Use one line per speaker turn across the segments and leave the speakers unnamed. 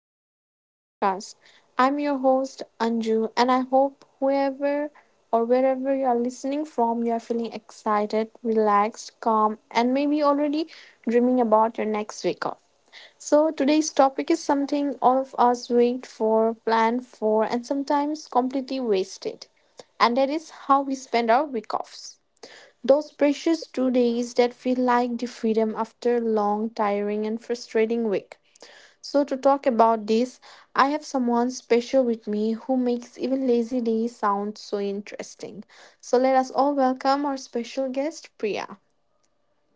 back to our podcast. I'm your host, Anju, and I hope whoever or wherever you are listening from, you are feeling excited, relaxed, calm, and maybe already dreaming about your next week off. So, today's topic is something all of us wait for, plan for, and sometimes completely wasted, and that is how we spend our week offs. Those precious 2 days that feel like the freedom after a long, tiring, and frustrating week. So, to talk about this, I have someone special with me who makes even lazy days sound so interesting. So, let us all welcome our special guest, Priya.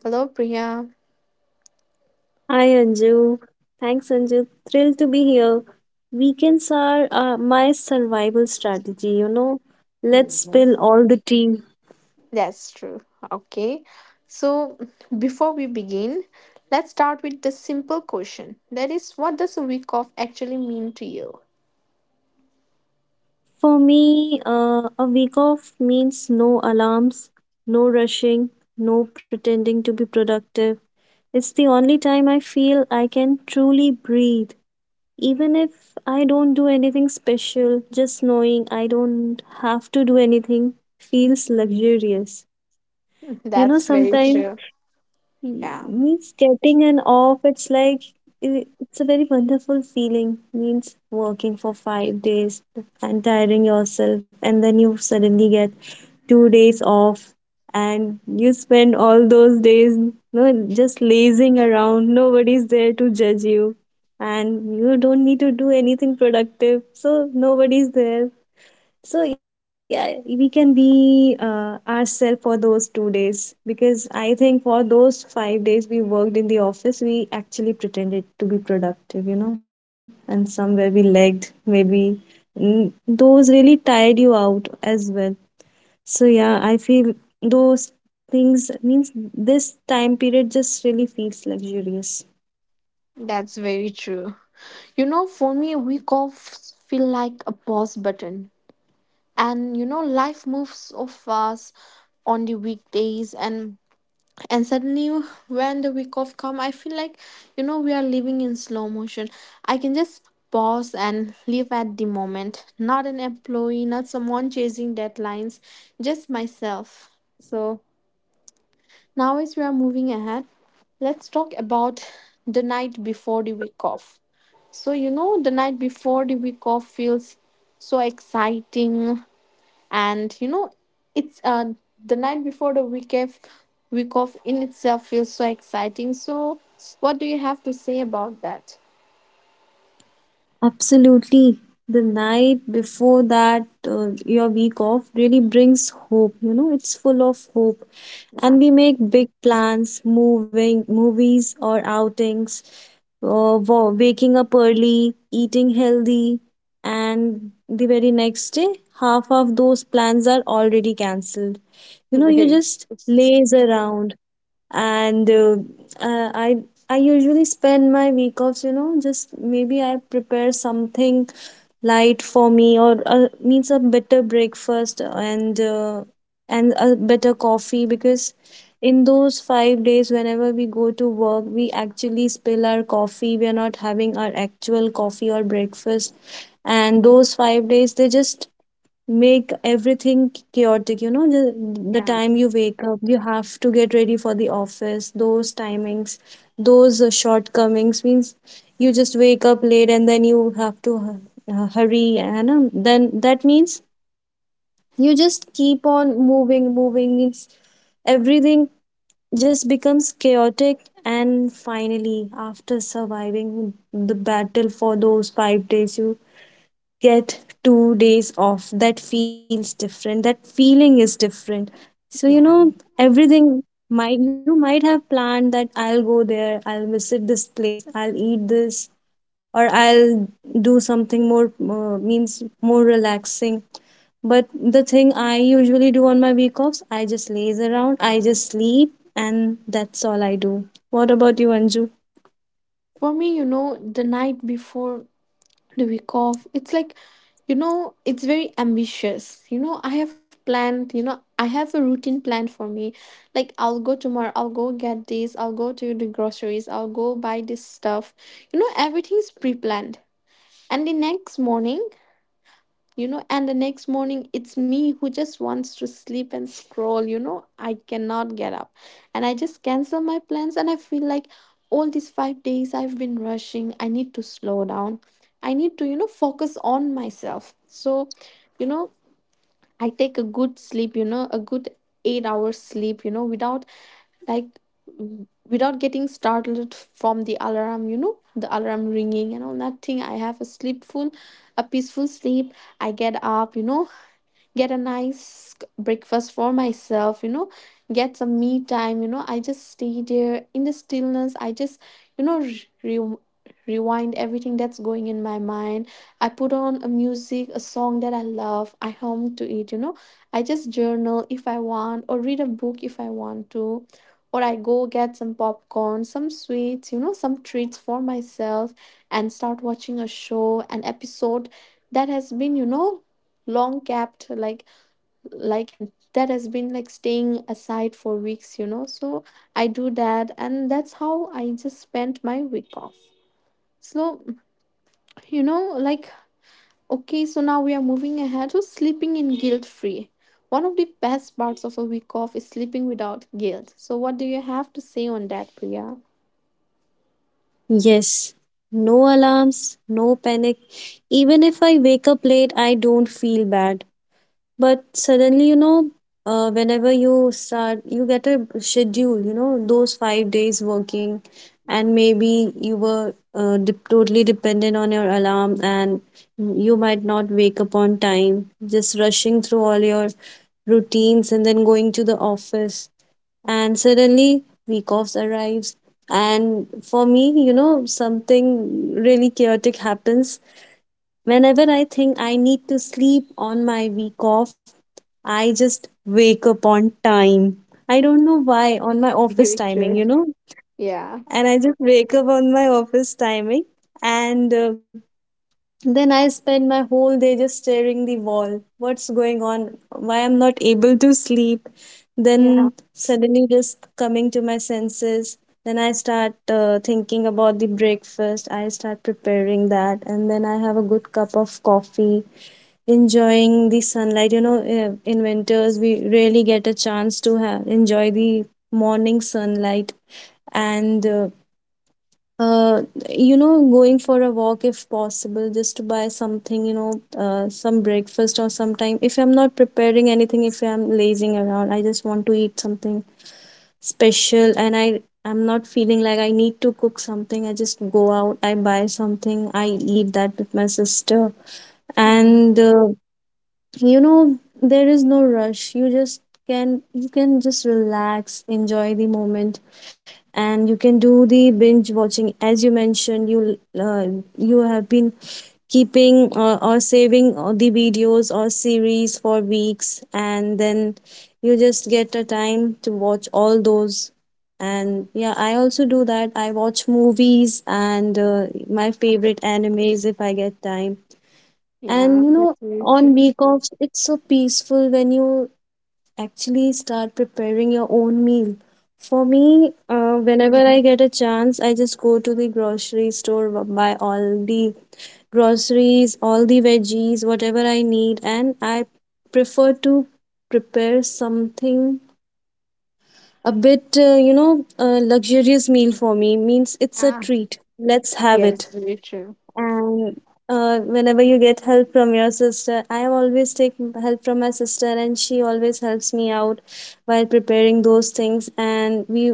Hello, Priya.
Hi Anju. Thanks Anju. Thrilled to be here. Weekends are my survival strategy. Let's
Hmm.
spill all the tea.
That's true. Okay. So, before we begin, let's start with the simple question, that is, what does a week off actually mean to you?
For me, a week off means no alarms, no rushing, no pretending to be productive. It's the only time I feel I can truly breathe. Even if I don't do anything special, just knowing I don't have to do anything feels luxurious. You know,
That's very
sometimes
true.
Y-
Yeah,
means getting an off, it's like, it's a very wonderful feeling. Means working for 5 days and tiring yourself, and then you suddenly get 2 days off, and you spend all those days. No, just lazing around, nobody's there to judge you, and you don't need to do anything productive, so nobody's there. So yeah, we can be ourselves for those 2 days, because I think for those 5 days we worked in the office, we actually pretended to be productive, and somewhere we lagged. Maybe those really tired you out as well. So yeah, I feel those things means this time period just really feels luxurious.
that's very true. You know, for me, a week off feel like a pause button. And you know, life moves so fast on the weekdays, and suddenly when the week off come, I feel like, you know, we are living in slow motion. I can just pause and live at the moment, not an employee, not someone chasing deadlines, just myself. So now as we are moving ahead, let's talk about the night before the week off. So you know, the night before the week off feels so exciting. And you know, it's the night before the week off, week off in itself feels so exciting, so what do you have to say about that?
Absolutely. The night before that, your week off really brings hope. It's full of hope. And
Yeah.
we make big plans, moving, movies or outings, waking up early, eating healthy. And the very next day, half of those plans are already cancelled. You
Very.
just laze around, and uh, i I usually spend my week offs, just maybe I prepare something light for me. Or means a better breakfast, and and a better coffee, because in those 5 days whenever we go to work, we actually spill our coffee, we are not having our actual coffee or breakfast. And those 5 days they just make everything chaotic. The
Yeah,
time you wake up, you have to get ready for the office, those timings, those shortcomings. Means you just wake up late, and then you have to hurry, and then that means you just keep on moving. Moving means everything just becomes chaotic. And finally, after surviving the battle for those 5 days, you get 2 days off. That feels different, that feeling is different. So
yeah,
everything, might you might have planned that I'll go there, I'll visit this place, I'll eat this, or I'll do something more means more relaxing. But the thing I usually do on my week offs, I just laze around, I just sleep, and that's all I do. What about you, Anju?
for me, you know, the night before the week off, it's like, you know, it's very ambitious. You know, I have planned, you know, I have a routine planned for me, like I'll go tomorrow, I'll go get this, I'll go to the groceries, I'll go buy this stuff. You know, everything's pre-planned. And the next morning, you know, and the next morning, it's me who just wants to sleep and scroll, you know, I cannot get up. And I just cancel my plans and I feel like all these 5 days I've been rushing. I need to slow down. I need to, you know, focus on myself. So, you know, I take a good sleep, you know, a good 8 hours sleep, you know, without like without getting startled from the alarm, you know, the alarm ringing and all that thing. I have a sleepful, a peaceful sleep. I get up, you know, get a nice breakfast for myself, you know, get some me time, you know. I just stay there in the stillness. I just, you know, re- rewind everything that's going in my mind. I put on a music, a song that I love. I hum to it, you know. I just journal if I want or read a book if I want to. Or I go get some popcorn, some sweets, you know, some treats for myself and start watching a show, an episode that has been, you know, long kept, like that has been like staying aside for weeks, you know. So I do that, and that's how I just spent my week off. So, you know, like okay, so now we are moving ahead to sleeping in guilt free. One of the best parts of a week off is sleeping without guilt, so what do you have to say on that, Priya?
Yes, no alarms, no panic. Even if I wake up late, I don't feel bad. But suddenly, whenever you start, you get a schedule, those 5 days working, and maybe you were totally dependent on your alarm, and you might not wake up on time, just rushing through all your routines and then going to the office. And suddenly week offs arrives, and for me something really chaotic happens. Whenever I think I need to sleep on my week off, I just wake up on time. I don't know why, on my office
Very
timing you
true.
know
Yeah,
And I just wake up on my office timing. And then I spend my whole day just staring the wall. What's going on? Why I'm not able to sleep?
yeah,
Then suddenly just coming to my senses. Then I start thinking about the breakfast. I start preparing that, and then I have a good cup of coffee, enjoying the sunlight. In winters we rarely get a chance to have enjoy the morning sunlight, and uh, going for a walk if possible, just to buy something, some breakfast or sometime. If I'm not preparing anything, if I'm lazing around, I just want to eat something special, and I I'm not feeling like I need to cook something. I just go out, I buy something, I eat that with my sister.
yeah,
And there is no rush. You just can just relax, enjoy the moment. And you can do the binge watching, as you mentioned. You you have been keeping, or saving, the videos or series for weeks, and then you just get a time to watch all those. And yeah, I also do that. I watch movies and my favorite animes if I get time. And
yeah, that's very
on
true.
week offs it's so peaceful when you actually start preparing your own meal. For me,
Mhm.
whenever I get a chance, I just go to the grocery store, buy all the groceries, all the veggies, whatever I need, and I prefer to prepare something a bit, a luxurious meal for me. Means it's a
Yeah.
treat. Let's have
Yes,
it.
very true.
And whenever you get help from your sister, I always take help from my sister, and she always helps me out while preparing those things, and we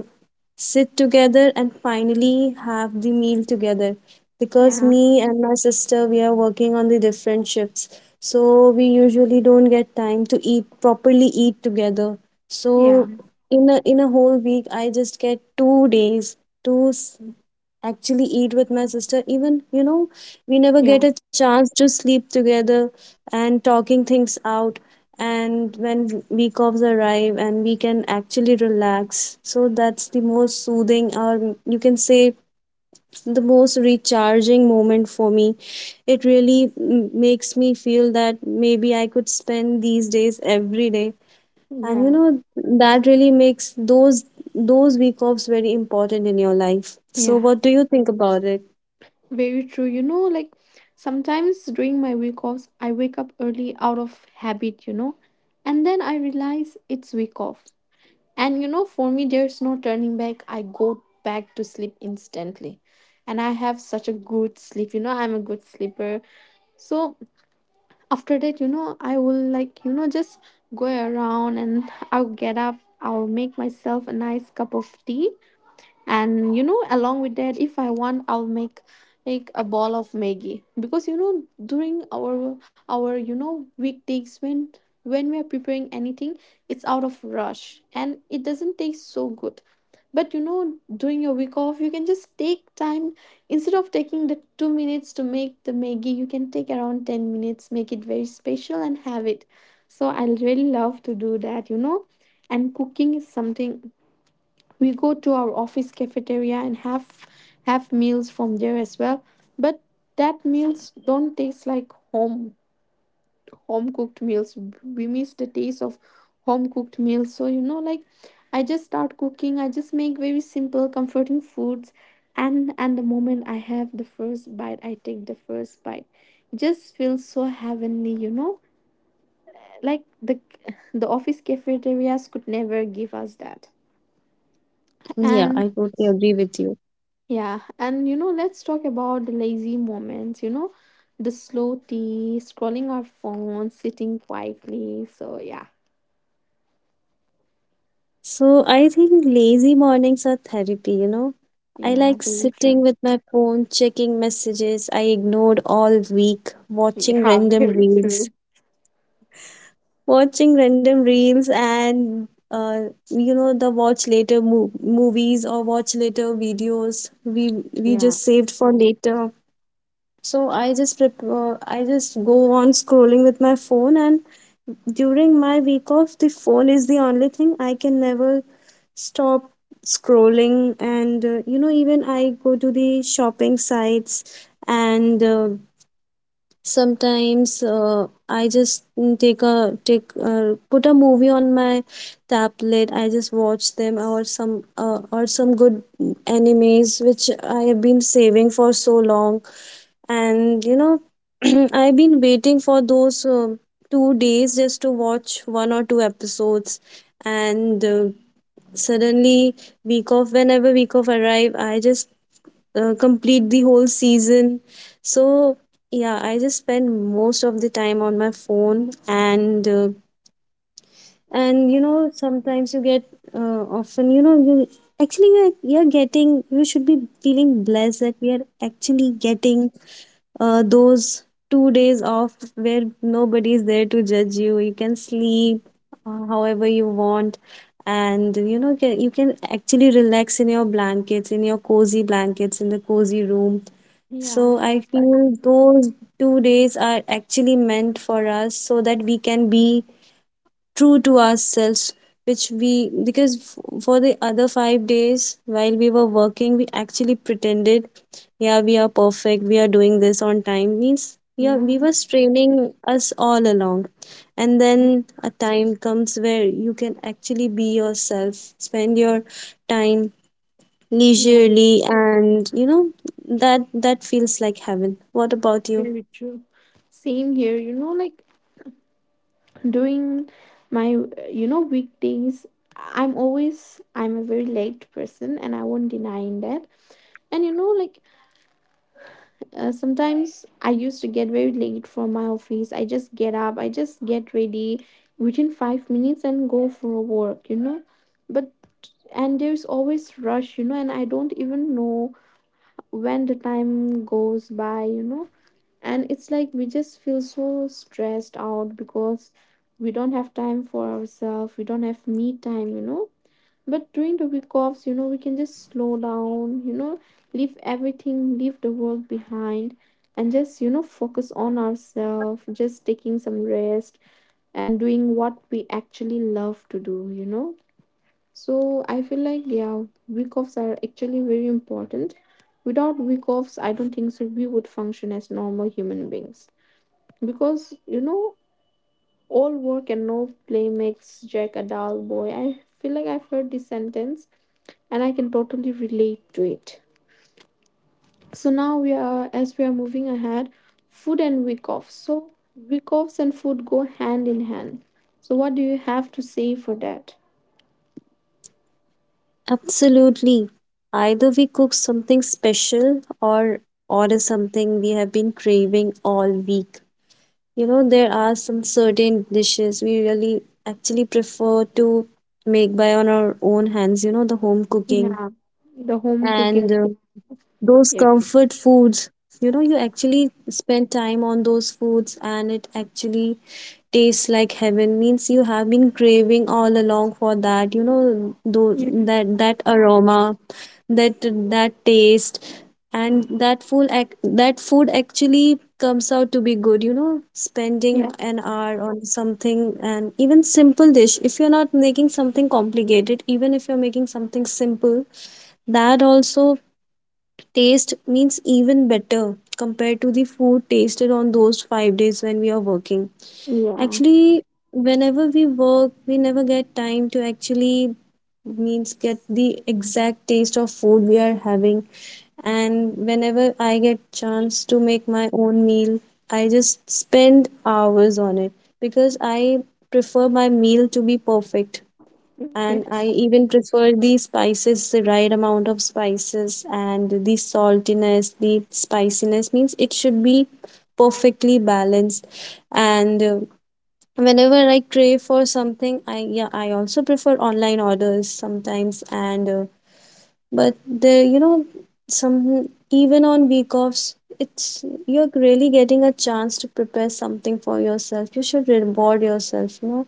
sit together and finally have the meal together. Because
Yeah,
me and my sister, we are working on the different shifts, so we usually don't get time to eat properly, eat together. So
yeah,
in a whole week I just get 2 days, actually eat with my sister. Even we never get
yeah,
a chance to sleep together, and talking things out. And when week offs arrive, and we can actually relax. So that's the most soothing, or you can say the most recharging moment for me. It really makes me feel that maybe I could spend these days every day. And
yeah,
that really makes those week offs very important in your life. So
yeah.
what do you think about it?
Very true. You know, like sometimes during my week offs, I wake up early out of habit, you know, and then I realize it's week off. And you know, for me, there's no turning back. I go back to sleep instantly. And I have such a good sleep, you know, I'm a good sleeper. So after that, you know, I will like, you know, just go around and I'll get up, I'll make myself a nice cup of tea. And you know, along with that, if I want, I'll make a ball of maggie. Because you know, during our you know weekdays, when we are preparing anything, it's out of rush and it doesn't taste so good. But you know, during your week off, you can just take time. Instead of taking the 2 minutes to make the maggie, you can take around 10 minutes, make it very special and have it. So I really love to do that, you know. And cooking is something, we go to our office cafeteria and have meals from there as well. But that meals don't taste like home, home cooked meals. We miss the taste of home cooked meals. So you know, like I just start cooking, I just make very simple comforting foods. And the moment I take the first bite, it just feels so heavenly, you know. Like the office cafeterias could never give us that.
Yeah, I
And
totally agree with you.
yeah, and you know, let's talk about the lazy moments, you know, the slow tea, scrolling our phones, sitting quietly. So, yeah,
So I think lazy mornings are therapy. I
yeah,
like
very
sitting
true.
with my phone, checking messages I ignored all week, watching
Yeah,
random
very
reels,
true.
watching random reels and the watch later movies, or watch later videos we
Yeah,
just saved for later. So I just I just go on scrolling with my phone. And during my week off, the phone is the only thing I can never stop scrolling. And even I go to the shopping sites, and sometimes I just mm, take a take put a movie on my tablet. I just watch them, or some good animes which I have been saving for so long. And I've been waiting for those 2 days just to watch one or two episodes. And suddenly, week off, whenever week off arrive, I just complete the whole season. So yeah, I just spend most of the time on my phone. And and sometimes you get, often, you're getting, you should be feeling blessed that we are actually getting those 2 days off, where nobody is there to judge you, you can sleep however you want. And you can actually relax in your blankets, in your cozy blankets, in the cozy room.
yeah,
So I feel those 2 days are actually meant for us, so that we can be true to ourselves, which we... because for the other 5 days while we were working we actually pretended, yeah, we are perfect, we are doing this on time, means, yeah,
yeah,
we were straining us all along. And then a time comes where you can actually be yourself, spend your time
yeah,
leisurely. And that feels like heaven. What about you?
very true. Same here, you know, like during my, you know, weekdays, I'm always, I'm a very late person and I won't deny in that. And you know, like sometimes I used to get very late from my office. I just get up, I just get ready within 5 minutes and go for a walk, you know. But and there's always rush, you know, and I don't even know when the time goes by, you know. And it's like we just feel so stressed out because we don't have time for ourselves, we don't have me time, you know. But during the week offs, you know, we can just slow down, you know, leave everything, leave the work behind, and just, you know, focus on ourselves, just taking some rest and doing what we actually love to do, you know. So I feel like, yeah, week offs are actually very important. Without week offs, I don't think so we would function as normal human beings. Because, you know, all work and no play makes Jack a dull boy. I feel like I've heard this sentence and I can totally relate to it. So now we are, as we are moving ahead, food and week off. So week offs and food go hand in hand. So what do you have to say for that?
Absolutely. Either we cook something special, or order something we have been craving all week. There are some certain dishes we really actually prefer to make by on our own hands, the home cooking.
Yeah, the home cooking.
And those
Yeah,
comfort foods, you actually spend time on those foods and it actually tastes like heaven. Means you have been craving all along for that, those,
yeah,
that aroma, that that taste. And that food, that food actually comes out to be good, spending
yeah,
an hour on something. And even simple dish, if you're not making something complicated, even if you're making something simple, that also taste, means, even better compared to the food tasted on those 5 days when we are working.
yeah.
Actually, whenever we work, we never get time to actually means get the exact taste of food we are having. And whenever I get chance to make my own meal, I just spend hours on it, because I prefer my meal to be perfect. And
Yes.
I even prefer the spices, the right amount of spices, and the saltiness, the spiciness, means it should be perfectly balanced. And whenever I crave for something, I yeah, I also prefer online orders sometimes. And but the you know some even on week offs. It's you're really getting a chance to prepare something for yourself. You should reward yourself,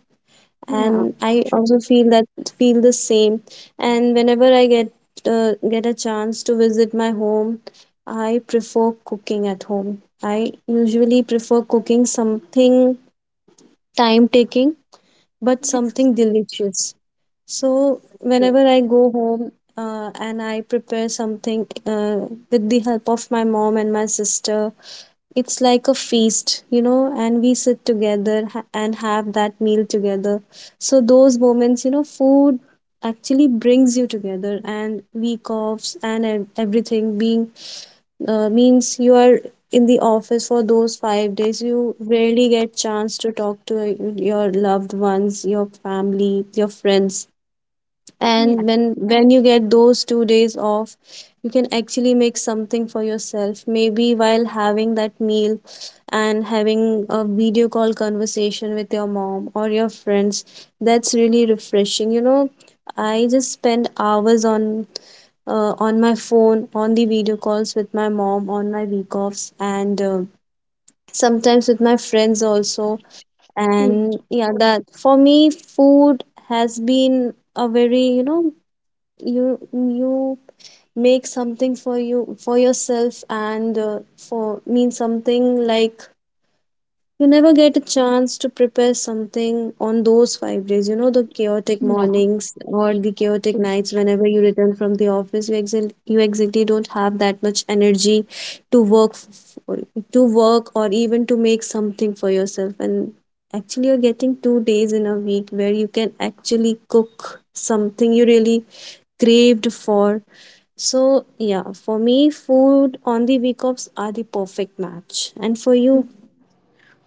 Yeah.
and I
True.
also feel that feel the same. And whenever I get a chance to visit my home, I prefer cooking at home. I usually prefer cooking something time taking, but
Yeah.
something delicious. So
True.
whenever I go home and I prepare something with the help of my mom and my sister, it's like a feast, you know, and we sit together and have that meal together. So those moments, you know, food actually brings you together and week offs and everything being means you are in the office for those 5 days, you rarely get chance to talk to your loved ones, your family, your friends.
Yeah.
And when you get those 2 days off, you can actually make something for yourself, maybe while having that meal and having a video call conversation with your mom or your friends. That's really refreshing, you know. I just spend hours on my phone, on the video calls with my mom on my week offs, and sometimes with my friends also. And yeah, that for me, food has been a very, you know, you make something for you, for yourself, and for mean something like you never get a chance to prepare something on those 5 days. You know, the chaotic
Yeah.
mornings or the chaotic nights, whenever you return from the office, you exil you exactly don't have that much energy to work f- to work or even to make something for yourself. And actually, you're getting 2 days in a week where you can actually cook something you really craved for. So, yeah, for me, food on the week offs are the perfect match. And for you,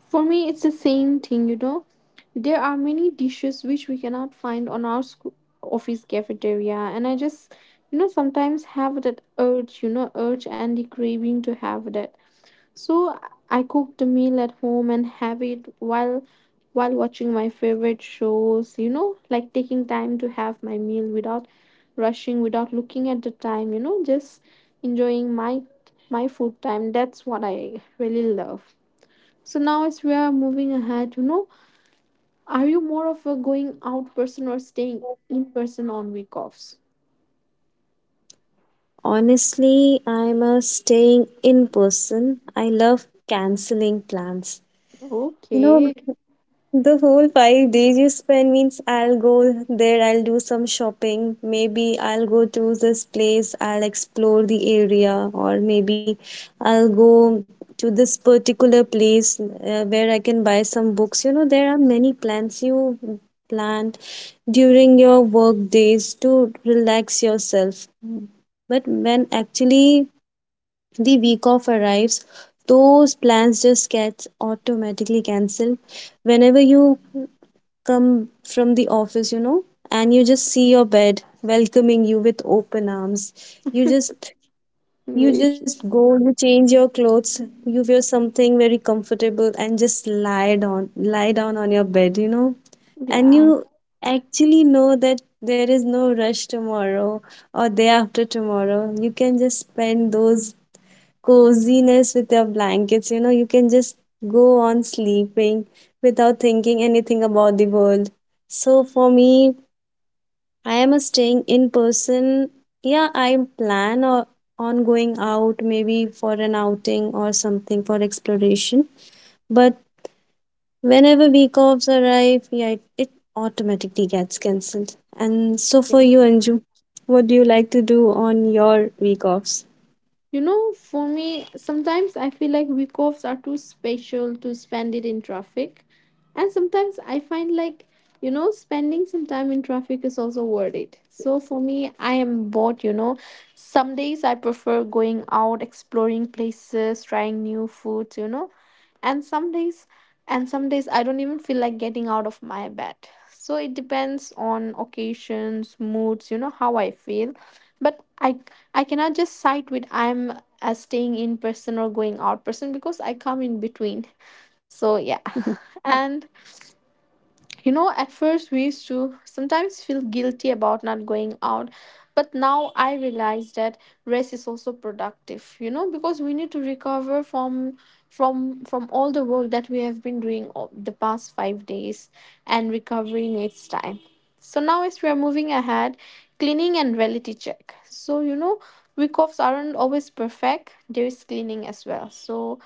For me, it's the same thing, you know. There are many dishes which we cannot find on our school, office cafeteria, and I just, you know, sometimes have that urge, you know, urge and the craving to have that. So I cook the meal at home and have it while watching my favorite shows, you know, like taking time to have my meal without rushing, without looking at the time, you know, just enjoying my food time. That's what I really love. So now as we are moving ahead, you know, are you more of a going out person or staying in person on week offs?
honestly, I'm a staying in person. I love canceling plans. You know,
Okay.
the whole 5 days you spend means I'll go there, I'll do some shopping. Maybe I'll go to this place, I'll explore the area, or maybe I'll go to this particular place where I can buy some books. You know, there are many plans you plan during your work days to relax yourself. But when actually the week off arrives, those plans just get automatically cancelled. Whenever you come from the office, you know, and you just see your bed welcoming you with open arms, you just
Very-.
you just go, you change your clothes, you wear something very comfortable and just lie down on your bed, you know, and
Yeah.
you actually know that there is no rush tomorrow or day after tomorrow. You can just spend those coziness with your blankets, you know, you can just go on sleeping without thinking anything about the world. So for me, I am a staying in person. Yeah, I plan or on going out maybe for an outing or something for exploration, but whenever week offs arrive, yeah, it automatically gets cancelled. And so for
Okay.
you, Anju, what do you like to do on your week offs?
You know, for me, sometimes I feel like week offs are too special to spend it in traffic. And sometimes I find like, you know, spending some time in traffic is also worth it. So for me, I am both, you know. Some days I prefer going out, exploring places, trying new foods, you know. And some days, I don't even feel like getting out of my bed. So it depends on occasions, moods, you know, how I feel. But I cannot just side with I'm as staying in person or going out person because I come in between. So yeah, and you know, at first we used to sometimes feel guilty about not going out, but now I realize that rest is also productive, you know, because we need to recover from from all the work that we have been doing the past 5 days, and recovering its time. So now as we are moving ahead, cleaning and reality check. So, you know, week offs aren't always perfect. There is cleaning as well. So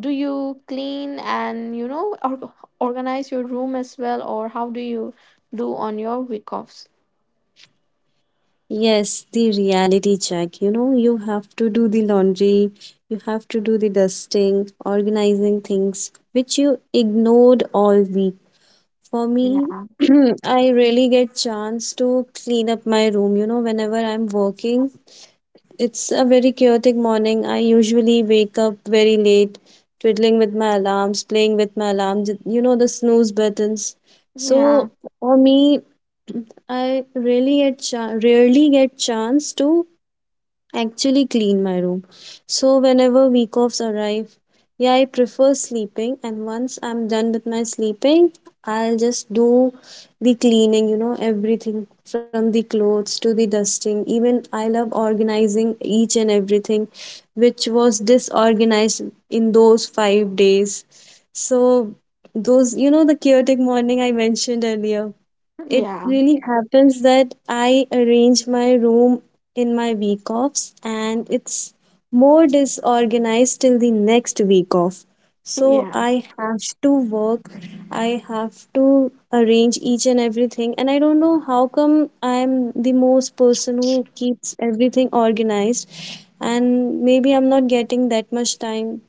do you clean and organize your room as well or how do you do on your week offs?
Yes, the reality check. You know, you have to do the laundry, you have to do the dusting, organizing things which you ignored all week. For me,
Yeah,
I really get chance to clean up my room, you know. Whenever I'm working, it's a very chaotic morning. I usually wake up very late, twiddling with my alarms, playing with my alarms, you know, the snooze buttons.
yeah,
So for me, I really rarely get chance to actually clean my room. So whenever week offs arrive, yeah, I prefer sleeping. And once I'm done with my sleeping, I'll just do the cleaning, you know, everything from the clothes to the dusting. Even I love organizing each and everything which was disorganized in those 5 days. So, those, you know, the chaotic morning I mentioned earlier, it
yeah,
really happens that I arrange my room in my week offs, and it's more disorganized till the next week off. So
yeah,
I have to work, I have to arrange each and everything. And I don't know how come I'm the most person who keeps everything organized, and maybe I'm not getting that much time,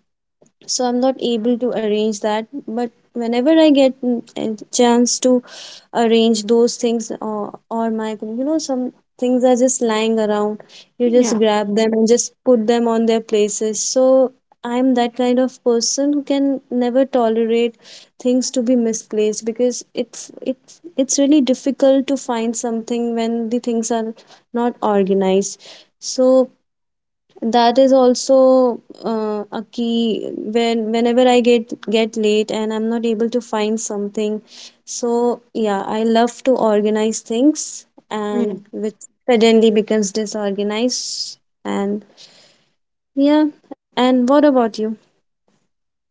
so I'm not able to arrange that. But whenever I get a chance to arrange those things, or my, you know, some things are just lying around, you just
yeah,
grab them and just put them on their places. So I'm that kind of person who can never tolerate things to be misplaced, because it's really difficult to find something when the things are not organized. So that is also a key when whenever I get late and I'm not able to find something. So yeah, I love to organize things,
yeah.
and which suddenly becomes disorganized. And yeah. And what about you?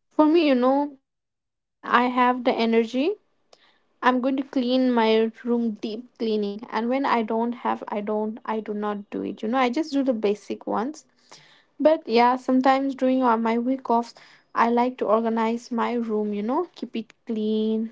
For me, you know, when I have the energy, I'm going to clean my room, deep cleaning. And when I don't have, I do not do it, you know. I just do the basic ones. But yeah, sometimes during my week offs, I like to organize my room, you know, keep it clean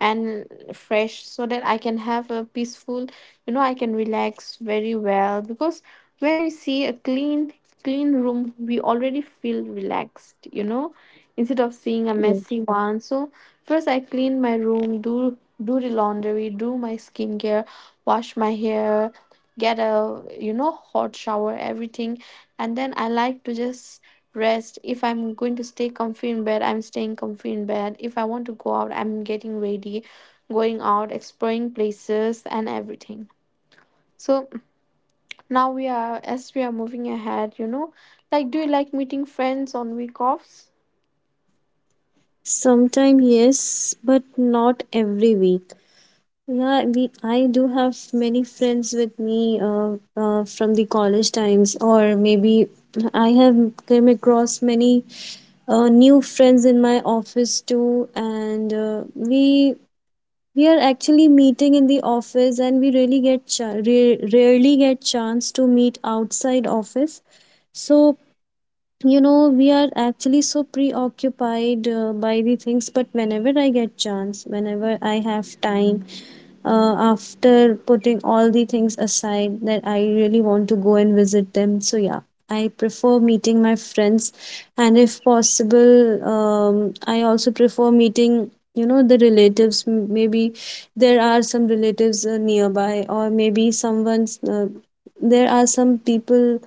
and fresh, so that I can have a peaceful, you know, I can relax very well. Because when we see a clean, clean room, we already feel relaxed, you know, instead of seeing a
Yes.
messy one. So first I clean my room, do the laundry, do my skincare, wash my hair, get a, you know, hot shower, everything. And then I like to just rest. If I'm going to stay comfy in bed, I'm staying comfy in bed. If I want to go out, I'm getting ready, going out, exploring places and everything. So now we are, as we are moving ahead, you know, like, do you like meeting friends on week offs?
Sometime yes, but not every week. Yeah, I do have many friends with me from the college times, or maybe I have come across many new friends in my office too, and we are actually meeting in the office, and we really rarely get chance to meet outside office. So you know, we are actually so preoccupied by the things, but whenever I get chance, whenever I have time after putting all the things aside, that I really want to go and visit them. So yeah, I prefer meeting my friends. And if possible, I also prefer meeting, you know, the relatives. Maybe there are some relatives nearby, or maybe someone's there are some people,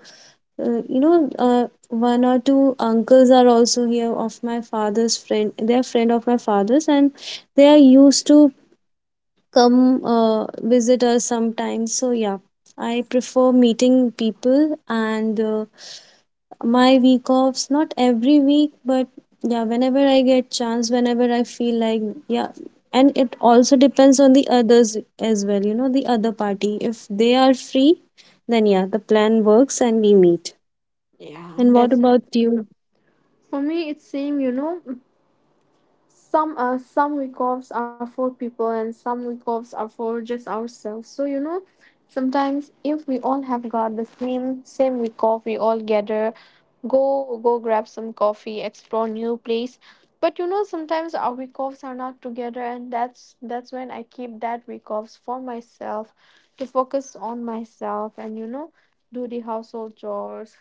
you know, one or two uncles are also here of my father's friend. They are friend of my father's, and they are used to come visit us sometimes. So yeah, I prefer meeting people and my week offs, not every week, but yeah, whenever I get chance, whenever I feel like. Yeah. And it also depends on the others as well, you know, the other party, if they are free, then yeah, the plan works and we meet.
Yeah,
And what
that's it.
about you?
For me it's same, you know. Some some week-offs are for people and some week-offs are for just ourselves. So you know, sometimes if we all have got the same week-off, we all gather, go grab some coffee, explore new place. But you know, sometimes our week-offs are not together, and that's when I keep that week-offs for myself, to focus on myself and, you know, do the household chores,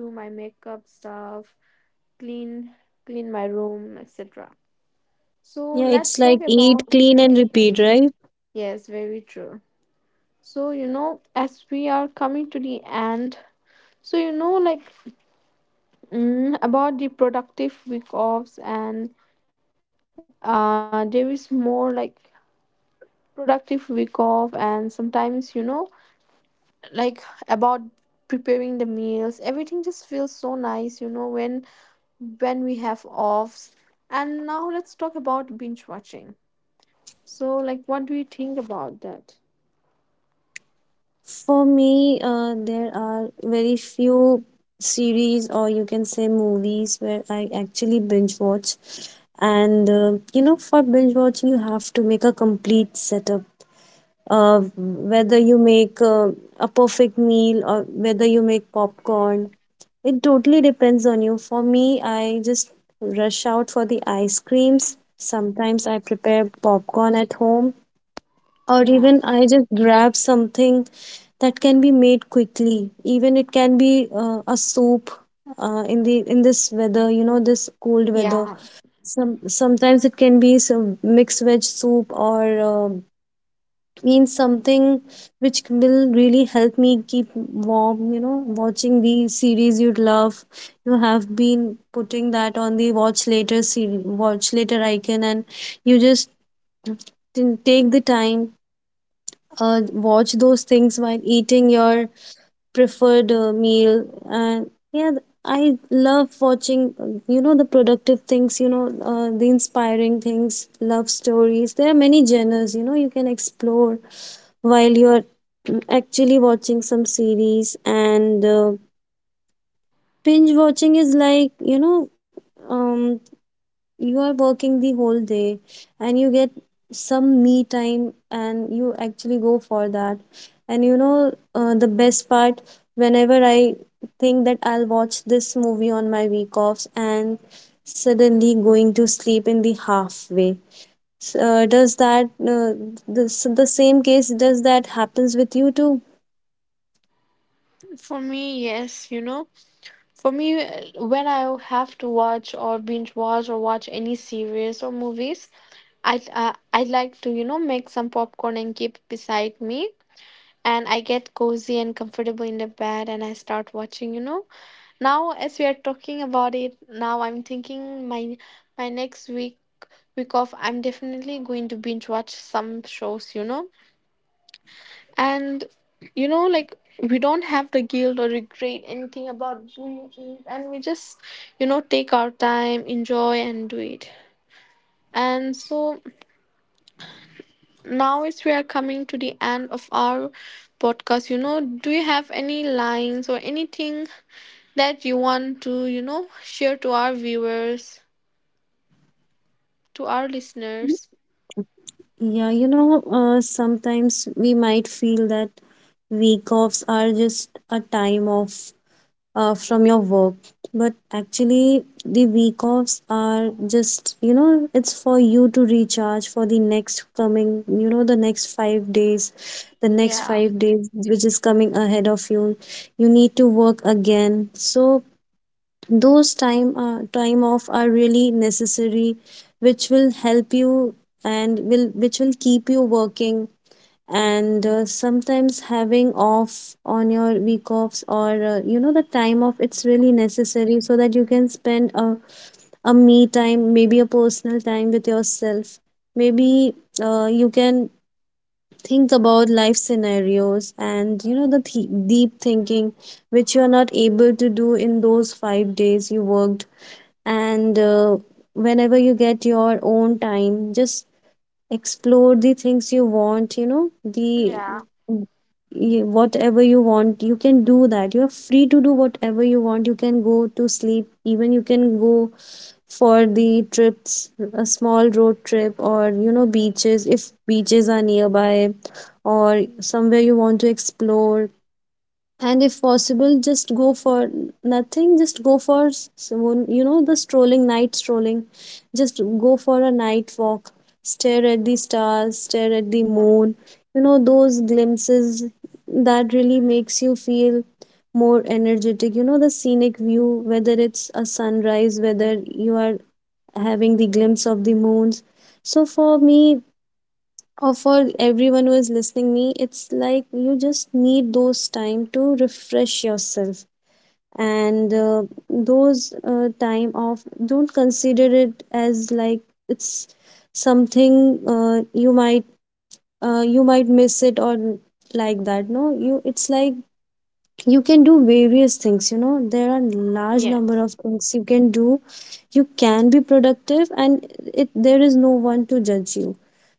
do my makeup stuff, clean, clean my room, etc. So
Yeah, it's
let's
like
talk
eat,
about.
clean, and repeat, right?
Yes, very true. So, you know, as we are coming to the end, so you know, like, about the productive week offs. And there is more like productive week off. And sometimes, you know, like, about preparing the meals, everything just feels so nice, you know, when we have offs. And now let's talk about binge watching. So, like, what do you think about that?
For me, there are very few series, or you can say movies, where I actually binge watch. And you know, for binge watching, you have to make a complete setup. Whether you make a perfect meal or whether you make popcorn, it totally depends on you. For me, I just rush out for the ice creams. Sometimes I prepare popcorn at home, or
Yeah.
even I just grab something that can be made quickly. Even it can be a soup in the in this weather, you know, this cold weather.
Yeah.
Sometimes it can be some mixed veg soup or uh, means something which will really help me keep warm. You know, watching the series you'd love, you have been putting that on the watch later series, watch later icon, and you just didn't take the time watch those things while eating your preferred meal. And yeah, I love watching you know, the productive things, you know, the inspiring things, love stories. There are many genres, you know, you can explore while you're actually watching some series. And binge watching is like, you know, um you are working the whole day and you get some me time and you actually go for that. And you know, the best part, whenever I think that I'll watch this movie on my week offs and suddenly going to sleep in the halfway. Does that the same case, does that happens with you too?
For me, yes, you know. For me, when I have to watch or binge watch or watch any series or movies, I like to, you know, make some popcorn and keep it beside me. And I get cozy and comfortable in the bed and I start watching, you know. Now, as we are talking about it, now I'm thinking my my next week off, I'm definitely going to binge watch some shows, you know. And you know, like, we don't have the guilt or regret anything about doing it, and we just, you know, take our time, enjoy and do it. And so now, as we are coming to the end of our podcast, you know, do you have any lines or anything that you want to, you know, share to our viewers, to our listeners?
Yeah, you know, sometimes we might feel that week offs are just a time off from your work. But actually the week offs are just, you know, it's for you to recharge for the next coming, you know, the next 5 days, the next
Yeah,
5 days which is coming ahead of you. You need to work again. So those time time off are really necessary, which will help you and will which will keep you working. And sometimes having off on your week offs or you know, the time off, it's really necessary so that you can spend a me time, maybe a personal time with yourself. Maybe you can think about life scenarios and, you know, deep thinking which you are not able to do in those 5 days you worked. And whenever you get your own time, just explore the things you want, you know, the
yeah,
whatever you want, you can do that. You are free to do whatever you want. You can go to sleep, even you can go for the trips, a small road trip, or you know, beaches, if beaches are nearby, or somewhere you want to explore. And if possible, just go for nothing, just go for someone, you know, the strolling, night strolling, just go for a night walk, stare at the stars, stare at the moon. You know, those glimpses that really makes you feel more energetic, you know, the scenic view, whether it's a sunrise, whether you are having the glimpse of the moons. So for me, or for everyone who is listening me, it's like you just need those time to refresh yourself. And those time off, don't consider it as like it's something, you might miss it or like that. No, you, it's like you can do various things, you know, there are large number
yes,
of things you can do. You can be productive, and it there is no one to judge you.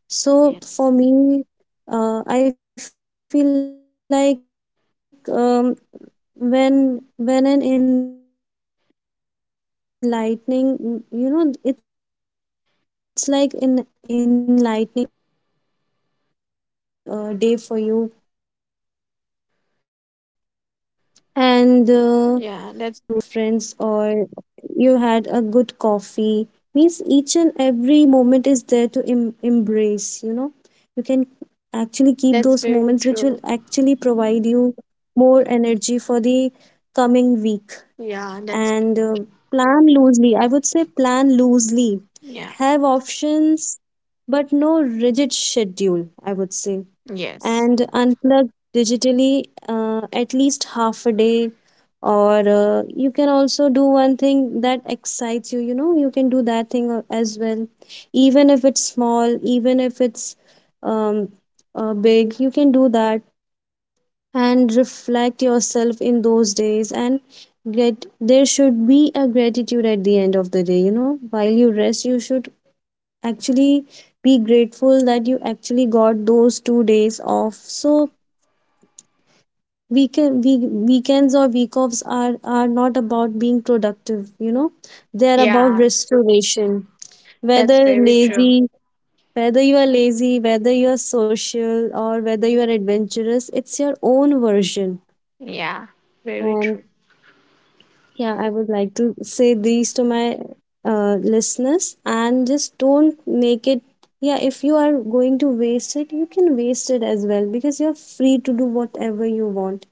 So
yeah,
for me, I feel like when an enlightening, you know, it's like an enlightening day for you. And you have to cherish those moments, you know, whatever you did in those 2 days, or whether you just went out with your friends,
yeah, that's
or you had a good coffee, means each and every moment is there to embrace, you know. You can actually keep those moments which will actually
very
provide
true.
you more energy for the coming week. And
Yeah, that's
plan loosely. I would say plan loosely. Have
yeah,
options, but no rigid schedule, I would say. And
yes.
unplug digitally at least half a day. Or you can also do one thing that excites you, you know, you can do that thing as well. Even if it's small, even if it's um, big, you can do that and reflect yourself in those days. And get, there should be a gratitude at the end of the day, you know, while you rest, you should actually be grateful that you actually got those 2 days off. So weekends or week offs are not about being productive, you know, they are about
Yeah,
restoration, whether
that's very
lazy,
true.
whether you are lazy, whether you are social, or whether you are adventurous, it's your own version.
Yeah, very
And
true.
yeah, I would like to say these to my listeners and just don't make it. Yeah, if you are going to waste it, you can waste it as well, because you're free to do whatever you want.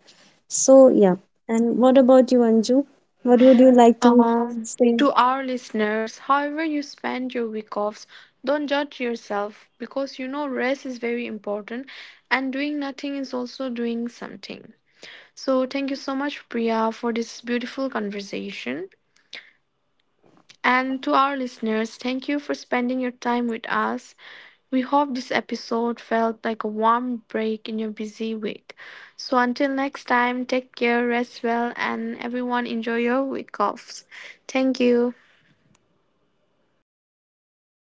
So, yeah. And what about you, Anju? What would you like to
Um,
say?
to our listeners, however you spend your week offs, don't judge yourself, because you know rest is very important, and doing nothing is also doing something. So, thank you so much, Priya, for this beautiful conversation. And to our listeners, thank you for spending your time with us. We hope this episode felt like a warm break in your busy week. So until next time, take care, rest well, and everyone enjoy your week offs. Thank you. Ho.